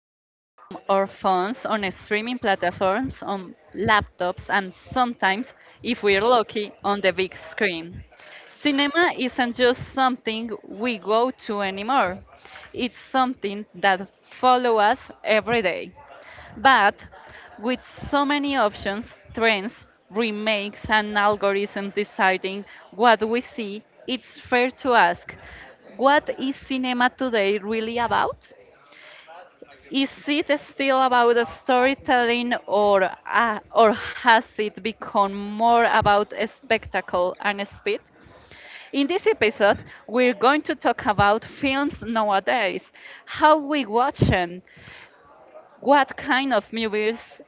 watch them on our phones, on streaming platforms, on laptops, and sometimes, if we're lucky, on the big screen. Cinema isn't just something we go to anymore. It's something that follows us every day. But with so many options, trends, remakes, and algorithms deciding what we see, it's fair to ask what is cinema today really about? Is it still about the storytelling, or has it become more about a spectacle and speed? In this episode, we're going to talk about films nowadays, how we watch them, what kind of movies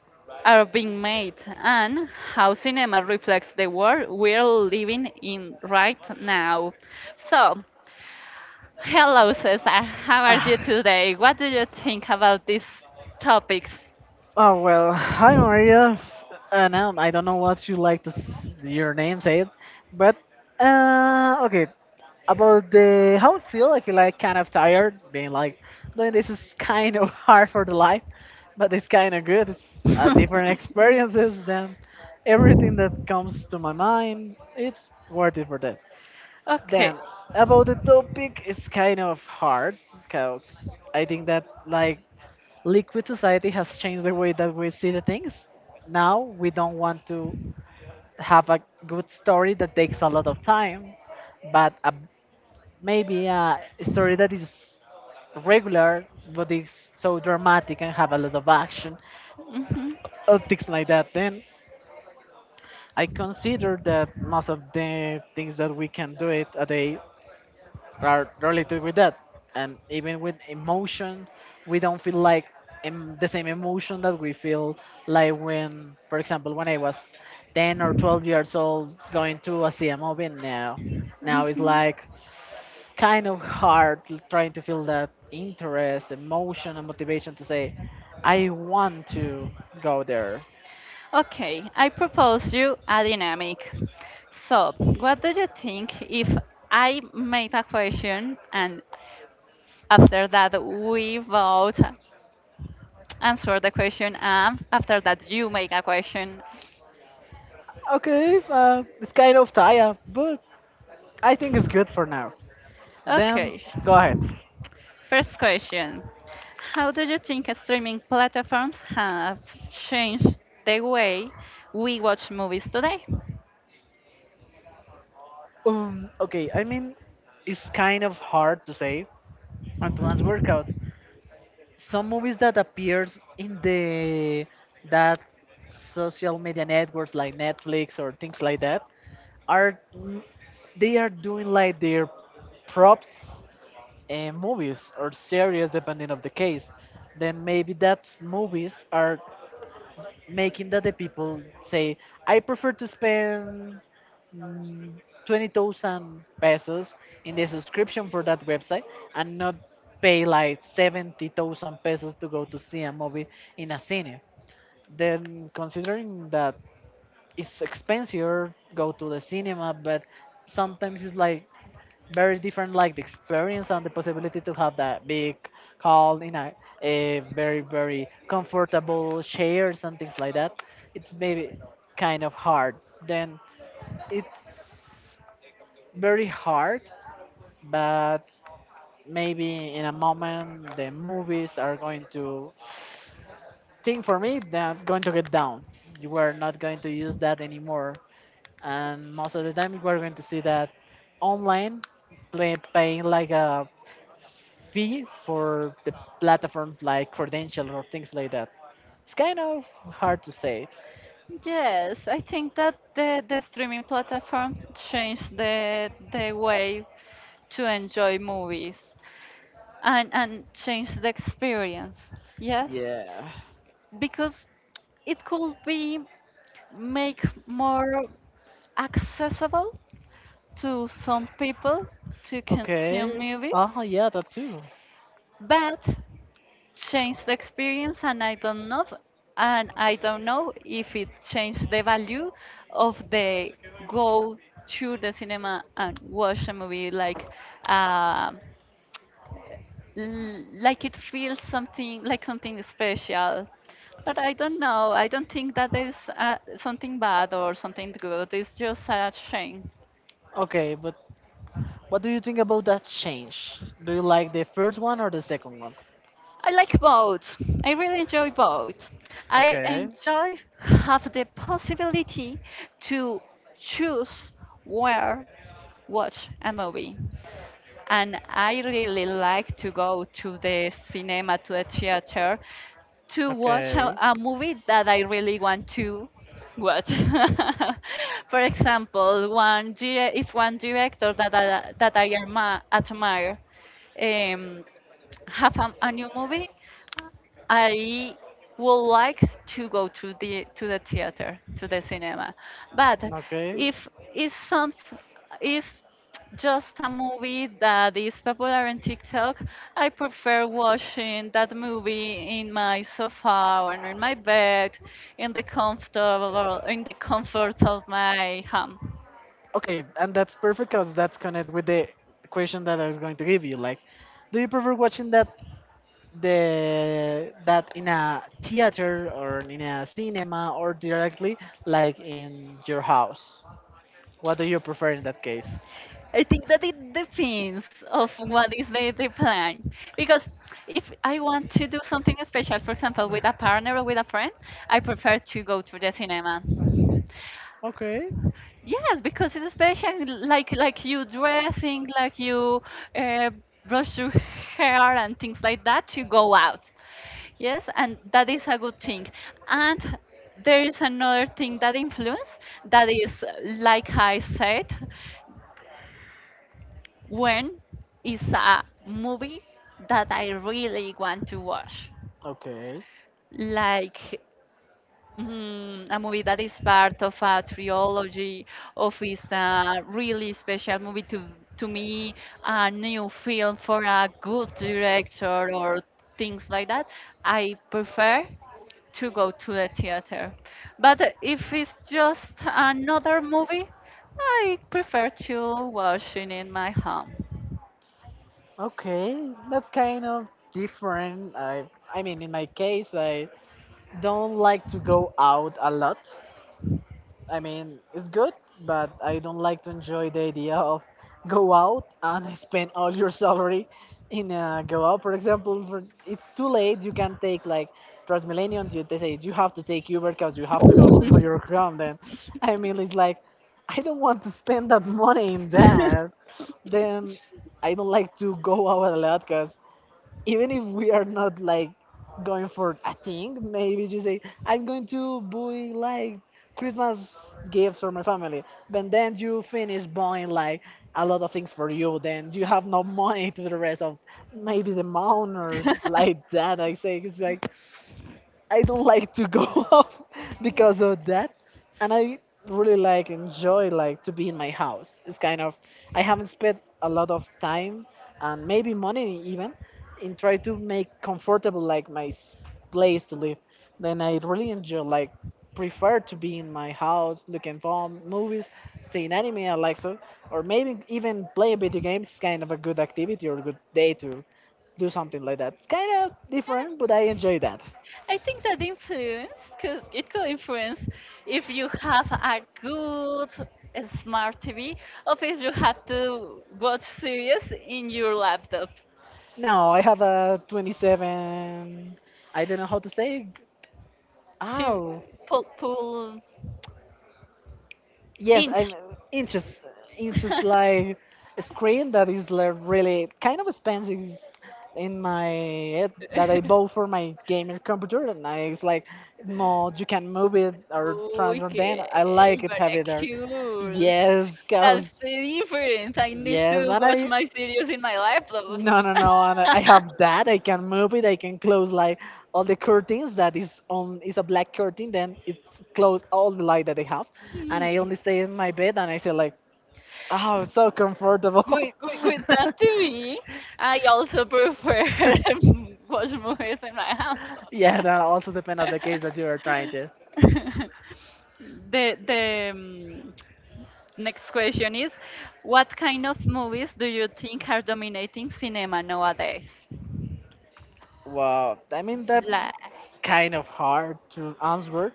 are being made and how cinema reflects the world we're living in right now. So, hello, Cesar. How are you Ah, today? What do you think about these topics? oh well, hi Maria, and I don't know what you like to your name said, but okay. About the how I feel like kind of tired, being like, "No, this is kind of hard for the life, but it's kind of good. It's different experiences than everything that comes to my mind. It's worth it for that. Okay. Then about the topic, it's kind of hard because I think that like liquid society has changed the way that we see the things. Now we don't want to have a good story that takes a lot of time, but a, maybe a story that is regular but is so dramatic and have a lot of action Mhm. or things like that. Then I consider that most of the things that we can do it a day are related with that. And even with emotion, we don't feel like the same emotion that we feel like when, for example, when I was 10 or 12 years old going to a CMO now. Now it's Mhm. like kind of hard trying to feel that interest, emotion, and motivation to say, I want to go there. Okay, I propose you a dynamic. So, what do you think if I make a question and after that we both answer the question and after that you make a question? Okay, it's kind of tired, but I think it's good for now. Then Okay, go ahead. first question. How do you think streaming platforms have changed the way we watch movies today? Okay, I mean, it's kind of hard to say. And to Antoine's workouts. Some movies that appears in the that social media networks like Netflix or things like that are they are doing like their props, movies or series depending of the case. Then maybe that's movies are making that the people say I prefer to spend, mm, 20,000 pesos in the subscription for that website and not pay like 70,000 pesos to go to see a movie in a cine. Then, considering that it's expensive go to the cinema, but sometimes it's like very different, like the experience and the possibility to have that big call in a very, very comfortable chairs and things like that. It's maybe kind of hard. Then it's very hard, but maybe in a moment the movies are going to think for me they're going to get down. You are not going to use that anymore, and most of the time we're going to see that online, paying like a fee for the platform, like credential or things like that. It's kind of hard to say it. Yes, I think that the streaming platform changed the way to enjoy movies and change the experience. Yes, Yeah. because it could be make more accessible to some people to consume Okay. movies, Oh yeah, that too. but changed the experience. And I don't know if it changed the value of the go to the cinema and watch a movie, uh, like it feels something like something special. But I don't know, I don't think that is something bad or something good, it's just a shame. Okay, but what do you think about that change? Do you like the first one or the second one? I like both. I really enjoy both. I Okay, enjoy have the possibility to choose where watch a movie. And I really like to go to the cinema, to the theater, to watch a, okay, a movie that I really want to watch. For example, if one director that I admire um, have a new movie, I would like to go to the theater, to the cinema. But okay. if it's some is just a movie that is popular on TikTok, I prefer watching that movie in my sofa or in my bed, in the comfort of my home. Okay, and that's perfect because that's connected with the question that I was going to give you. Like, do you prefer watching that the that in a theater or in a cinema or directly like in your house? What do you prefer in that case? I think that it depends of what is the plan. Because if I want to do something special, for example, with a partner or with a friend, I prefer to go to the cinema. Okay. Yes, because it's special, like you dressing, like you uh, brush your hair and things like that to go out. Yes, and that is a good thing. And there is another thing that influence that is, like I said. When it's a movie that I really want to watch. Okay, Like a movie that is part of a trilogy, of is a really special movie to me, a new film for a good director or things like that. I prefer to go to the theater. But if it's just another movie, I prefer to watch it in my home. okay, that's kind of different. I mean, in my case, I don't like to go out a lot. I mean, it's good, but I don't like to enjoy the idea of go out and spend all your salary in, go out. For example, it's too late. You can take like Transmillennium. They say you have to take Uber because you have to go to your home. Then, I mean, it's like I don't want to spend that money in that. Then I don't like to go out a lot because even if we are not like going for a thing, maybe you say, I'm going to buy like Christmas gifts for my family. But then you finish buying like a lot of things for you, then you have no money to the rest of maybe the month or like that. I say it's like I don't like to go out because of that, and I really like enjoy like to be in my house. It's kind of I haven't spent a lot of time and maybe money even in try to make comfortable like my place to live. Then I really enjoy like prefer to be in my house looking for movies, seeing anime I like so, or maybe even playing video games. Is kind of a good activity or a good day to do something like that. It's kind of different, but I enjoy that. I think that influence cause it could influence if you have a good smart TV, or if you had to watch series in your laptop. No, I have a 27. I don't know how to say. She Oh, pull yes, I'm inch. inches, inches like a screen that is like really kind of expensive in my head that I bought for my gamer computer, and it's like more you can move it or transfer. Then Okay, I like it but heavy there. excuse. Yes, cause That's the difference. I need yes, to and watch I. my series in my laptop. No, no, no. And I have that. I can move it. I can close like all the curtains that is on is a black curtain. Then it close all the light that I have, and I Hmm. only stay in my bed and I say like, oh, it's so comfortable. With that TV, I also prefer watch movies in my house. Yeah, that also depends on the case that you are trying to. The next question is, what kind of movies do you think are dominating cinema nowadays? Wow, I mean that's Like. kind of hard to answer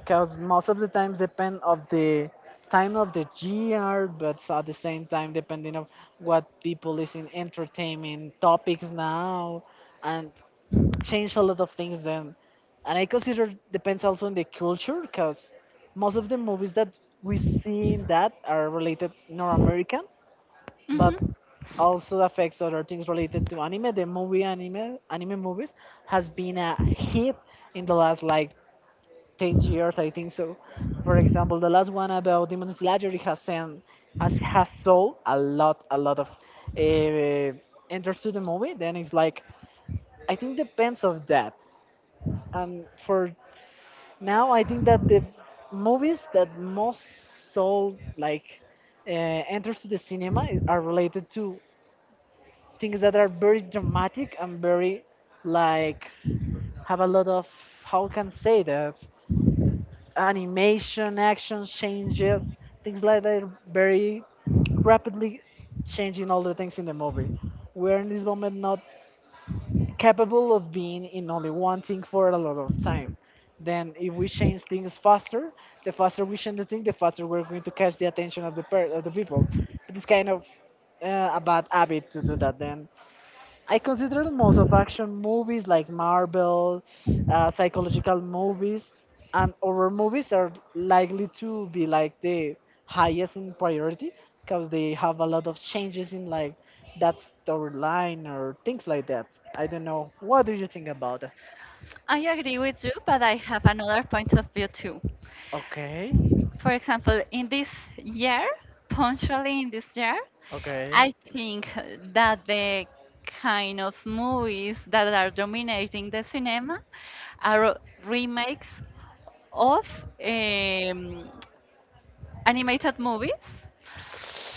because most of the times depend of the time of the year, but at the same time depending of what people is in entertainment topics now and change a lot of things then. And I consider depends also on the culture because most of the movies that we see in that are related North American but Mhm. also affects other things related to anime. The movie anime movies has been a hit in the last like 10 years, I think so. For example, the last one about Demon Slayer it has sent has sold a lot of, uh, enters to the movie. Then it's like I think depends of that. And for now, I think that the movies that most sold like, uh, enters to the cinema are related to things that are very dramatic and very like have a lot of how can say that animation action changes, things like that are very rapidly changing all the things in the movie. We're in this moment not capable of being in only one thing for a lot of time, then if we change things faster, the faster we change the thing the faster we're going to catch the attention of the of the people, but it's kind of, a bad habit to do that. Then I consider most of action movies like Marvel, psychological movies, and horror movies are likely to be like the highest in priority because they have a lot of changes in like that storyline or things like that. I don't know. What do you think about that? I agree with you, but I have another point of view too. Okay, For example, in this year, punctually in this year, okay. I think that the kind of movies that are dominating the cinema are remakes of um, animated movies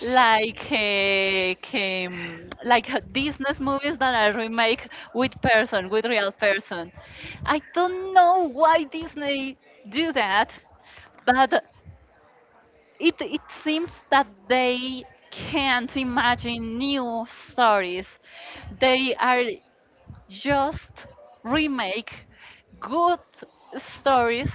like Disney movies that are remake with person, with real person. I don't know why Disney do that, but it seems that they can't imagine new stories. They are just remake good stories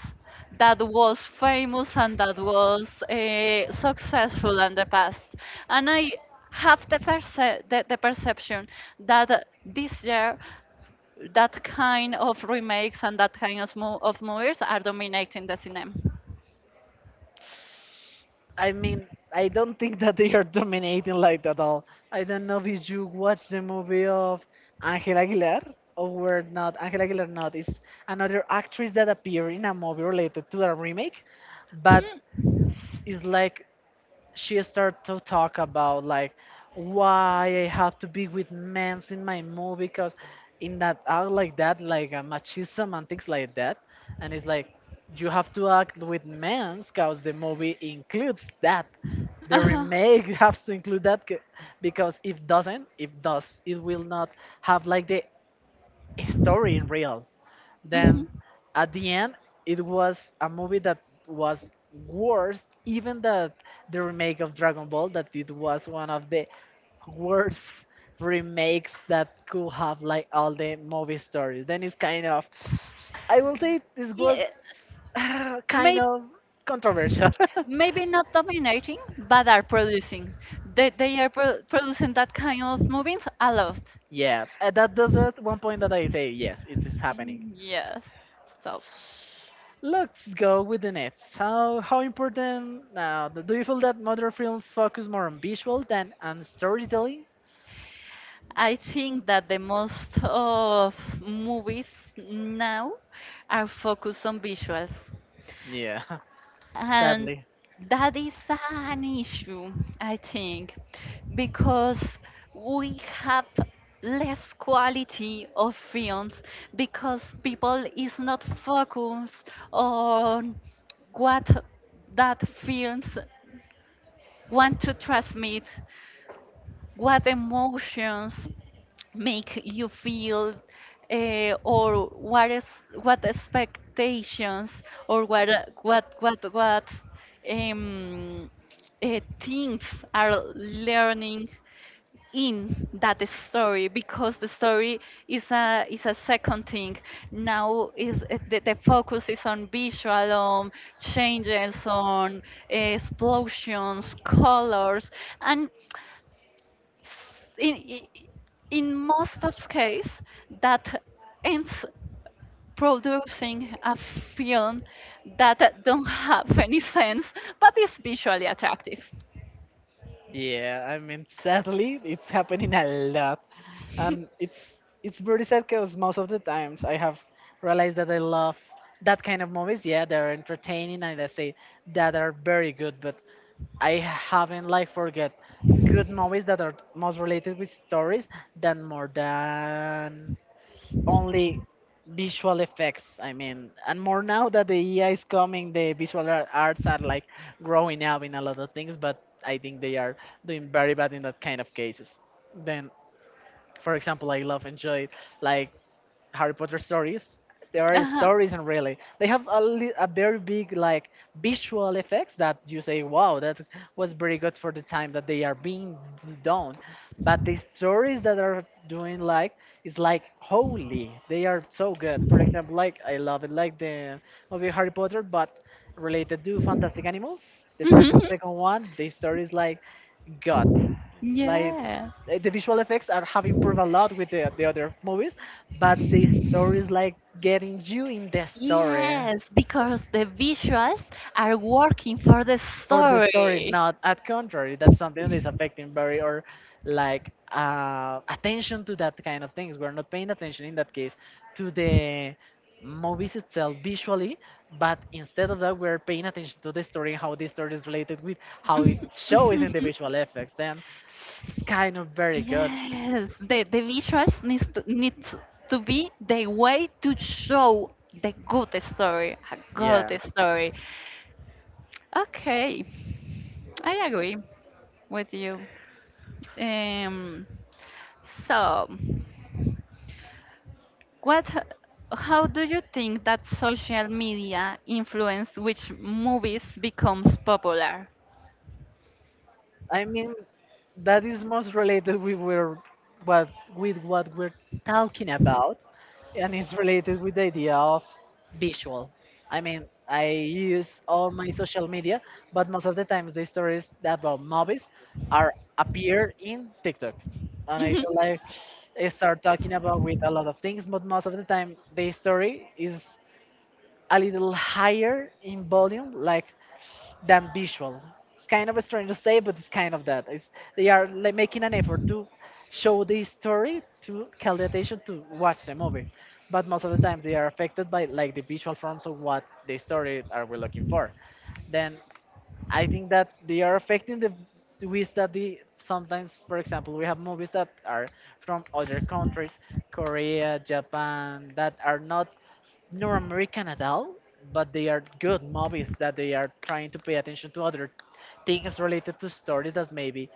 that was famous and that was successful in the past. And I have the perception that this year that kind of remakes and that kind of movies are dominating the cinema. I mean, I don't think that they are dominating like that at all. I don't know if you watch the movie of Angela Aguilar or were not. Angela Aguilar not is another actress that appeared in a movie related to a remake, but Hmm. it's like she started to talk about like why I have to be with men in my movie because in that act like that like, machism and things like that, and it's like you have to act with men because the movie includes that, the Uh-huh. remake has to include that because if does it will not have like the story in real, Mhm. then at the end, it was a movie that was worse even that the remake of Dragon Ball that it was one of the worst remakes that could have like all the movie stories. Then it's kind of I will say this was Yeah, kind may, of controversial. maybe not dominating, but are producing. They are producing that kind of movies a lot. Yeah, that does it. One point that I say yes, it is happening. Yes. So, Let's go with the nets. How important? Now, do you feel that modern films focus more on visual than on storytelling? I think that the most of movies now are focused on visuals, Yeah, and sadly. that is an issue, I think, because we have less quality of films because people is not focused on what that films want to transmit, what emotions make you feel or what expectations or what um, things are learning in that story because the story is a second thing now is the focus is on visual on changes on explosions colors and in i- in most of case that ends producing a film that don't have any sense but is visually attractive. Yeah, I mean, sadly, it's happening a lot, and it's very sad because most of the times I have realized that I love that kind of movies. Yeah, they're entertaining and I say that are very good, but I haven't like forget good movies that are most related with stories than more than only visual effects. I mean, and more now that the AI is coming the visual arts are like growing up in a lot of things, but I think they are doing very bad in that kind of cases. Then for example I love enjoy like Harry Potter stories. There are Uh-huh. stories, and really, they have a very big like visual effects that you say, "Wow, that was very good for the time that they are being done." But the stories that are doing like is like holy. They are so good. For example, like I love it, like the movie Harry Potter, but related to Fantastic Animals. The first and Mhm. second one, the story is like God. It's like Yeah. The visual effects are have improved a lot with the other movies, but the story is like getting you in the story Yes, because the visuals are working for the for the story, story. not at contrary. That's something that is affecting very or like attention to that kind of things. We're not paying attention in that case to the movies itself visually, but instead of that, we're paying attention to the story how the story is related with how it shows in the visual effects. Then it's kind of very good. Yes, the visuals needs to be the way to show the good story, a Yeah. good story. Okay, I agree with you. Um, so, what? How do you think that social media influenced which movies becomes popular? I mean, that is most related with where, what with what we're talking about, and it's related with the idea of visual. I mean, I use all my social media, but most of the times the stories that about movies are appear in TikTok, and I so like I start talking about with a lot of things, but most of the time the Mhm. story is a little higher in volume, like than visual. It's kind of strange to say, but it's kind of that. It's, they are like making an effort to show the story to call the attention to watch the movie, but most of the time they are affected by like the visual forms of what the story are we looking for. Then I think that they are affecting the ways that they sometimes, for example, we have movies that are from other countries, Korea, Japan, that are not North American at all, but they are good movies that they are trying to pay attention to other things related to stories that maybe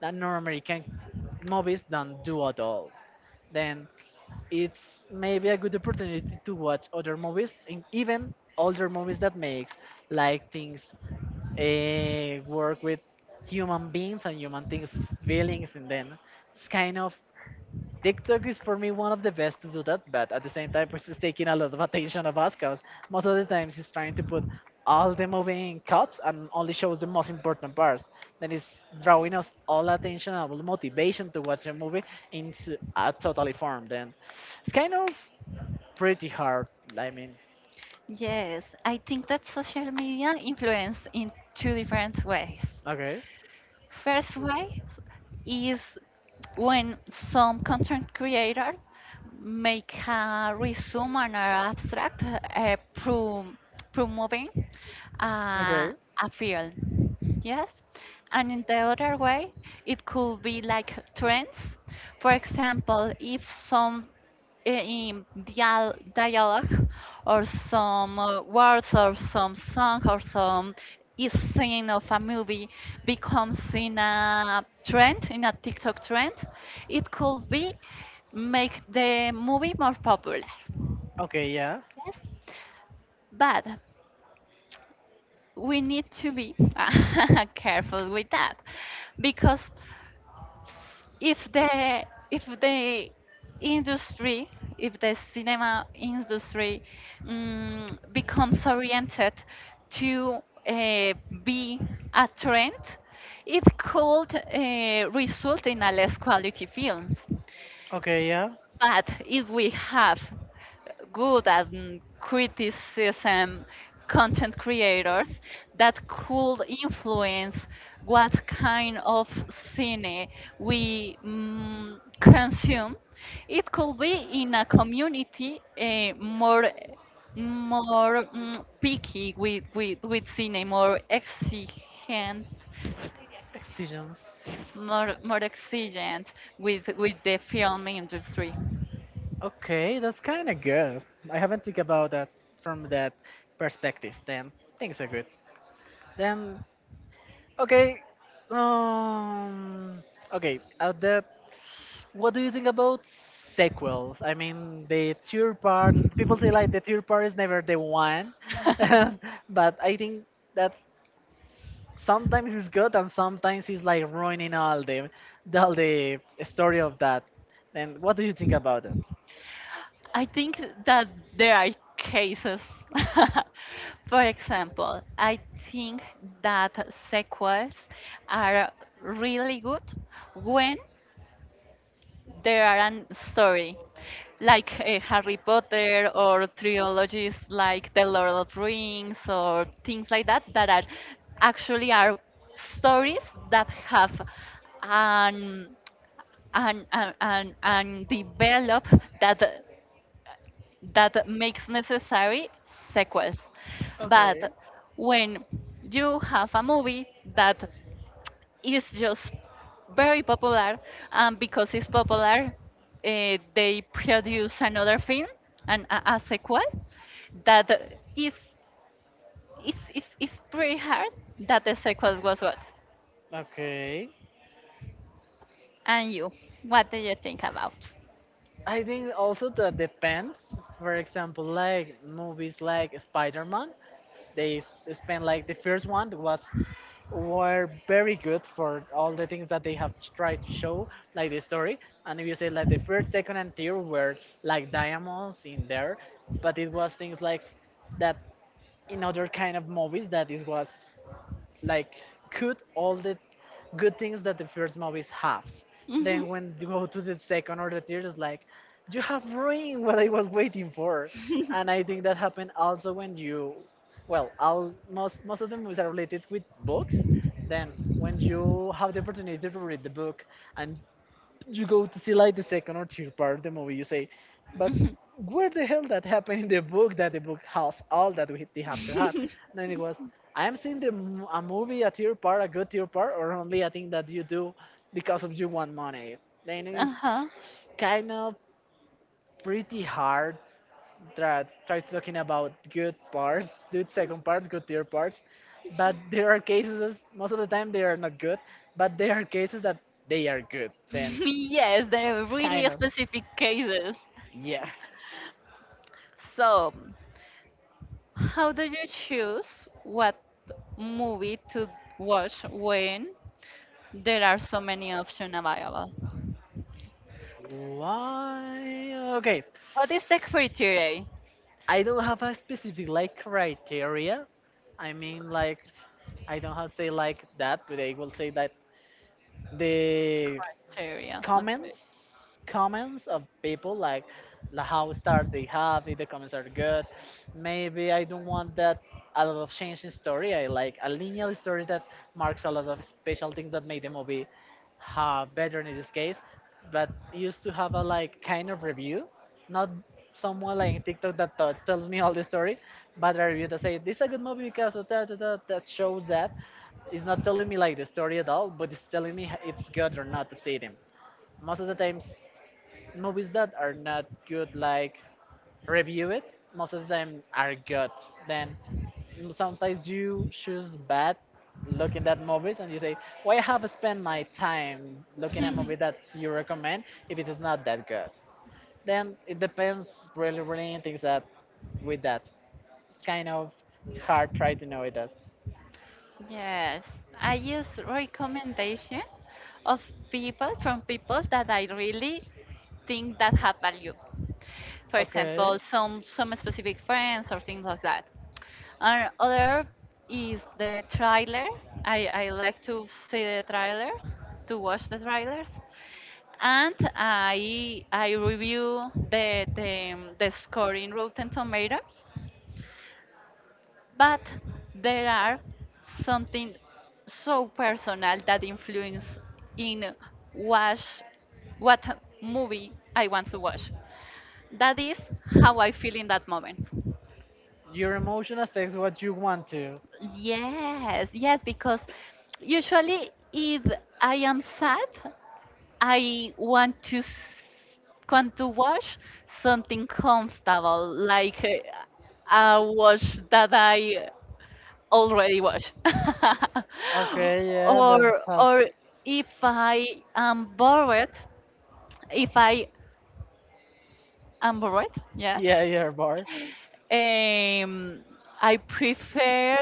that North American movies don't do at all. Then it's maybe a good opportunity to watch other movies and even older movies that makes like things work with human beings and human things feelings in them it's kind of TikTok is for me one of the best to do that, but at the same time, it's just taking a lot of attention of us because most of the times it's trying to put all the movie in cuts and only shows the most important parts. Then it's drawing us all attention and all motivation to watch the movie into a totally form. Then it's kind of pretty hard. I mean, Yes, I think that social media influenced in two different ways. okay. First way is when some content creator make a resume and an abstract promoting uh, Okay. a field. Yes. And in the other way, it could be like trends. For example, if some dialogue or some words or some song or some is scene of a movie becomes in a trend in a tiktok trend, it could be make the movie more popular, Okay, yeah. yes, but we need to be careful with that because if the if the industry if the cinema industry um, becomes oriented to uh, be a trend, it could result in a less quality films, Okay, yeah. but if we have good and criticism content creators that could influence what kind of cine we consume, it could be in a community more picky with cine, more exigent, Excisions. more exigent with the film industry. Okay, that's kind of good. I haven't think about that from that perspective. Then things are good. Then okay, um, okay. At that what do you think about sequels? I mean, the tour part, people say like the tour part is never the one, but I think that sometimes it's good and sometimes it's like ruining all the story of that. Then what do you think about that? I think that there are cases. For example, I think that sequels are really good when there are an story, like Harry Potter or trilogies like The Lord of Rings or things like that that are actually are stories that have an and develop that that makes necessary sequels but when you have a movie that is just very popular and because it's popular they produce another film and a sequel that is pretty hard that the sequel was what, Okay. and you what do you think about? I think also that depends. For example, like movies like Spider Man, they spend like the first one was were very good for all the things that they have tried to show, like the story. And if you say like the first, second, and third were like diamonds in there, but it was things like that in other kind of movies that it was like cut all the good things that the first movies has. Then when you go to the second or the third, it's like you have ruined what I was waiting for. And I think that happened also when you, well, all most of the movies are related with books. Then when you have the opportunity to read the book and you go to see like the second or third part of the movie, you say, I but was not. where the hell that happened in the book that the book has all that we they have to have? And then it was, I am seeing the a movie a third part, a good third part, or only a thing that you do because of you want money. Then Uh it's huh. kind of pretty hard try talking about good parts, good second parts, good third parts. But there are cases most of the time they are not good, but there are cases that they are good. Then Yes, they're really specific cases. yeah. So, how do you choose what movie to watch when there are so many options available? Why? Okay. What is the criteria? I don't have a specific like criteria. I mean, like, I don't have say like that, but I will say that the Criteria. Okay. comments comments of people like how stars they have if the comments are good maybe I don't want that a lot of change in story I like a linear story that marks a lot of special things that made the movie better in this case but it used to have a like kind of review not someone like TikTok that tells me all the story but a review that say this is a good movie because of that that shows that it's not telling me like the story at all, but it's telling me it's good or not to see them most of the times movies that are not good like review it most of the time are good then sometimes you choose bad looking at movies and you say why have I spent my time looking at a movie that you recommend if it is not that good then it depends really on things that with that it's kind of hard try to know it that Yes, I use recommendation of people from people that I really think that have value. For okay. example, some specific friends or things like that. And other is the trailer. I like to see the trailers, to watch the trailers. And I review the score in Rotten Tomatoes, but there are something so personal that influence in watch what movie I want to watch. That is how I feel in that moment. Your emotion affects what you want to. Yes, yes, because usually if I am sad, I want to want to watch something comfortable, like a watch that I already watch, Okay, yeah, or that's how. or if I am bored, if I am bored, yeah. Yeah, yeah, bar. Um, I prefer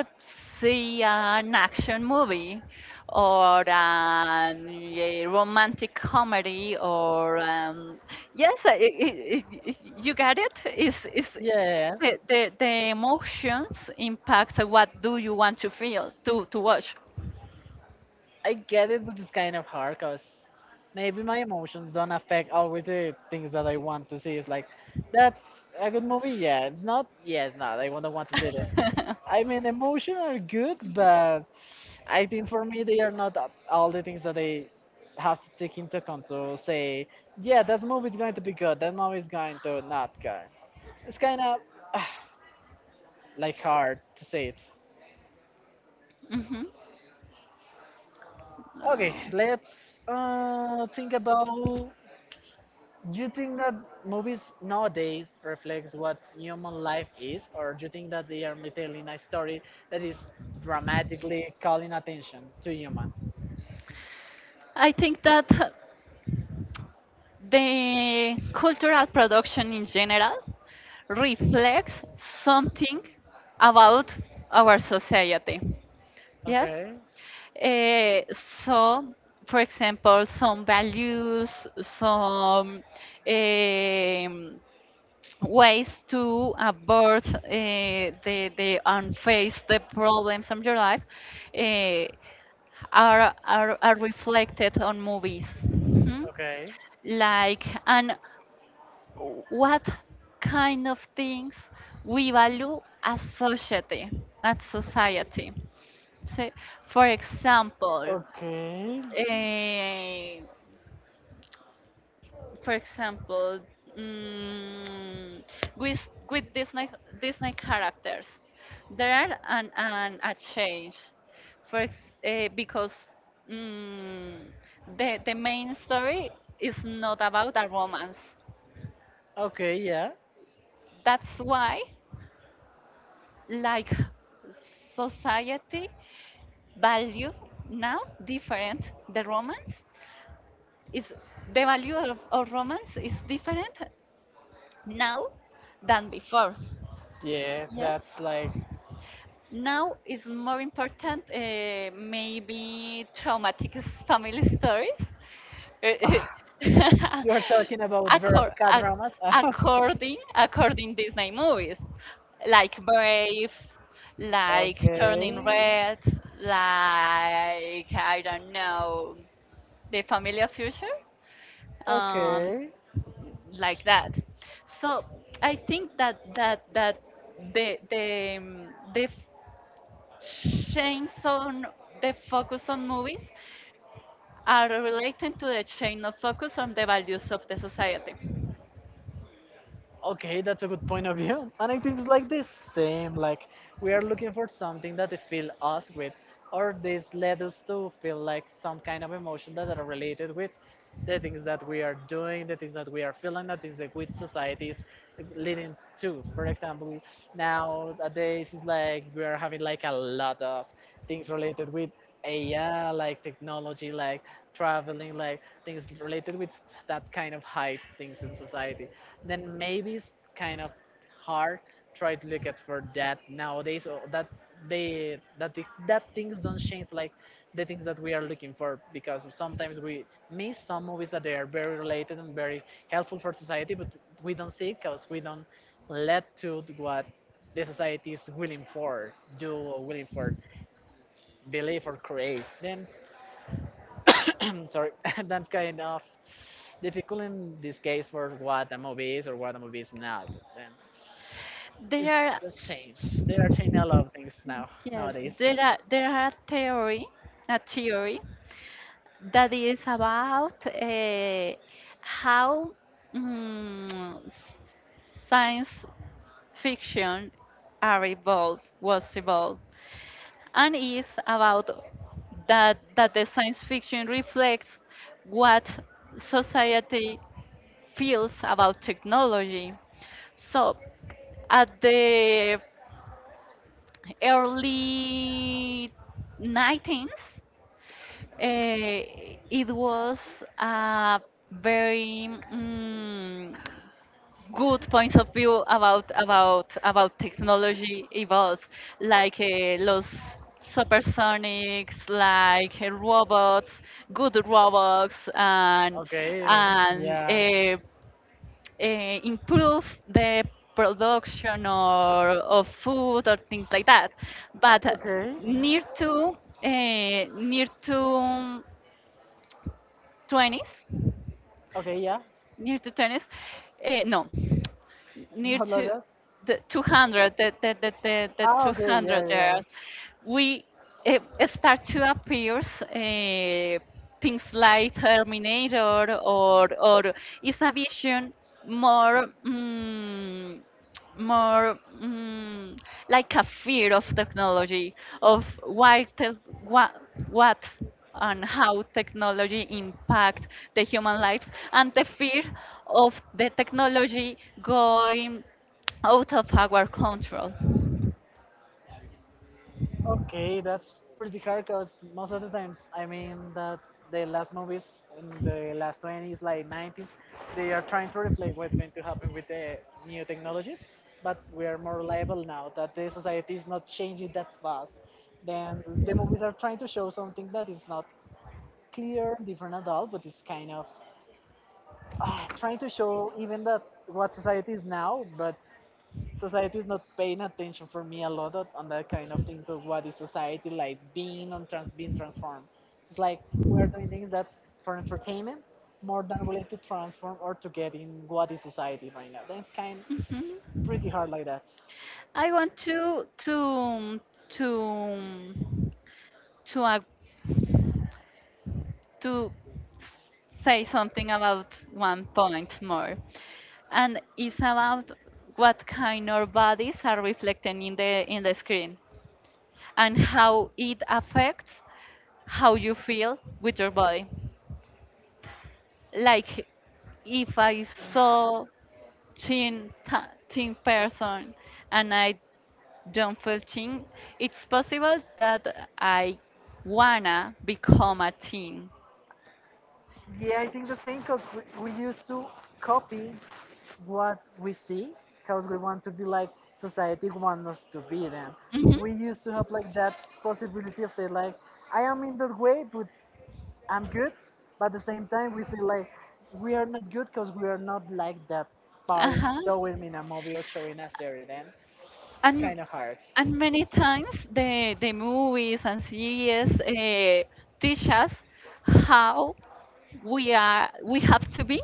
see an action movie or a romantic comedy or yes, you got it. Is Yeah, the emotions impact what do you want to feel to watch? I get it, but it's kind of hard because maybe my emotions don't affect always the things that I want to see. It's like, that's a good movie. Yeah, it's not. Yeah, it's not. I wouldn't want to see that. I mean, emotion are good, but I think for me they are not all the things that they have to take into account to say, yeah, that movie is going to be good, that movie is going to not go. It's kind of like hard to say it. Hmm. Okay, No. let's think about. Do you think that movies nowadays reflects what human life is, or do you think that they are telling a story that is dramatically calling attention to human? I think that the cultural production in general reflects something about our society. Yes? Okay. Eh, so, for example, some values, em, ways to abort the and face the problems of your life, uh, are reflected on movies. Mhm. Okay. Like and what kind of things we value as society as society so for example Okay. uh, for example, mm, with Disney characters, there are an a change, because mm, the main story is not about a romance. Okay. Yeah. That's why, like society, value now different. The romance is the value of romance is different now than before. Yeah. Yes. That's like Now is more important, maybe traumatic family stories. ah, you are talking about Accor- cat ac- dramas. according Disney movies, like Brave, like Turning Okay. Red, like I don't know, The Family of Future, Okay. Okay. like that. So I think that the the um, the change on the focus on movies are related to the change of focus on the values of the society. Okay, that's a good point of view. And I think it's like the same, like we are looking for something that they fill us with, or this led us to feel like some kind of emotion that are related with the things that we are doing, the things that we are feeling, that is like with society is like, leading to. For example, nowadays it's like we are having like a lot of things related with AI, like technology, like traveling, like things related with that kind of high things in society, then maybe it's kind of hard try to look at for that nowadays or that they that that things don't change like the things that we are looking for because sometimes we miss some movies that they are very related and very helpful for society but we don't see it because we don't let to what the society is willing for do or willing for believe or create then I'm sorry that's kind of difficult in this case for what a movie is or what a movie is not then There it's are just changed they are changing a lot of things now yes, nowadays. there are theory, a theory that is about how mm, science fiction are evolved was evolved and is about that that the science fiction reflects what society feels about technology. So at the early 19s, it was a very good points of view about technology evolve, like los supersonics, like robots, good robots, and Okay and yeah uh, improve the production or of food or things like that. But okay near to near to 20s, okay yeah near to 20s, no, near not like to that the 200, the ah okay 200 yeah there, yeah. we start to appear things like Terminator or is a vision more. mm more, like a fear of technology, of what and how technology impact the human lives, and the fear of the technology going out of our control. Okay, that's pretty hard because most of the times, I mean, that the last movies in the last 20s, like 90s, they are trying to reflect what's going to happen with the new technologies, but we are more reliable now that the society is not changing that fast. Then the movies are trying to show something that is not clear, different at all, but it's kind of trying to show even that what society is now, but society is not paying attention for me a lot on that kind of things of what is society like being on trans being transformed. It's like we are doing things that for entertainment more than related to transform or to get in what is society right now. That's kind Mhm. pretty hard like that. I want to to ag- to say something about one point more. And it's about what kind of bodies are reflected in the screen and how it affects how you feel with your body. Like if I saw thin person and I don't feel thin, it's possible that I wanna become a teen. Yeah, I think the same because we used to copy what we see because we want to be like society wants us to be then. We used to Mhm. have like that possibility of say like, I am in that way, but I'm good, but at the same time, we see like we are not good because we are not like that Uh part is huh. showing me in a movie or showing a series. Then it's and kind of hard. and many times the movies and series teach us how we have to be,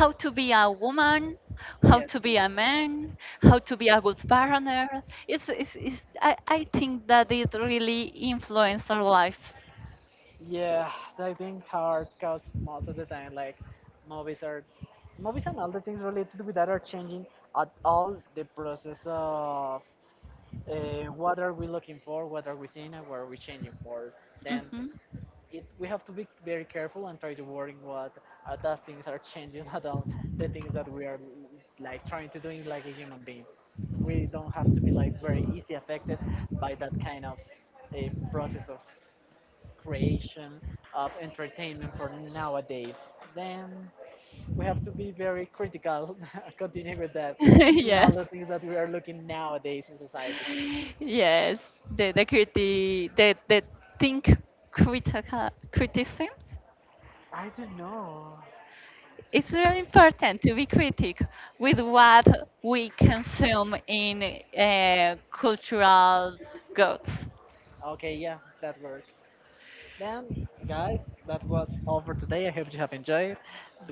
how to be a woman, how Yes. to be a man, how to be a good partner. I think that it really influenced our life. Yeah, that thing's hard because most of the time, like movies are, movies and all the things related with that are changing at all the process of what are we looking for, what are we seeing, and what are we changing for. Then Hmm. it we have to be very careful and try to work in what those things are changing at all the things that we are like trying to doing like a human being we don't have to be like very easy affected by that kind of a process of creation of entertainment for nowadays then we have to be very critical continue with that in all Yes. the things that we are looking nowadays in society Yes, the criti the think critical criticisms. I don't know It's really important to be critical with what we consume in cultural goods. okay yeah that works. Then, guys, that was all for today. I hope you have enjoyed.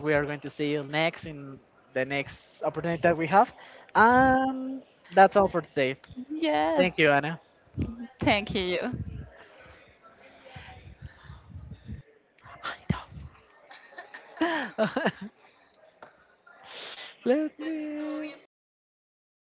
We are going to see you next in the next opportunity that we have. Um, that's all for today. Yes, Thank you, Anna. thank you. I know. Let me.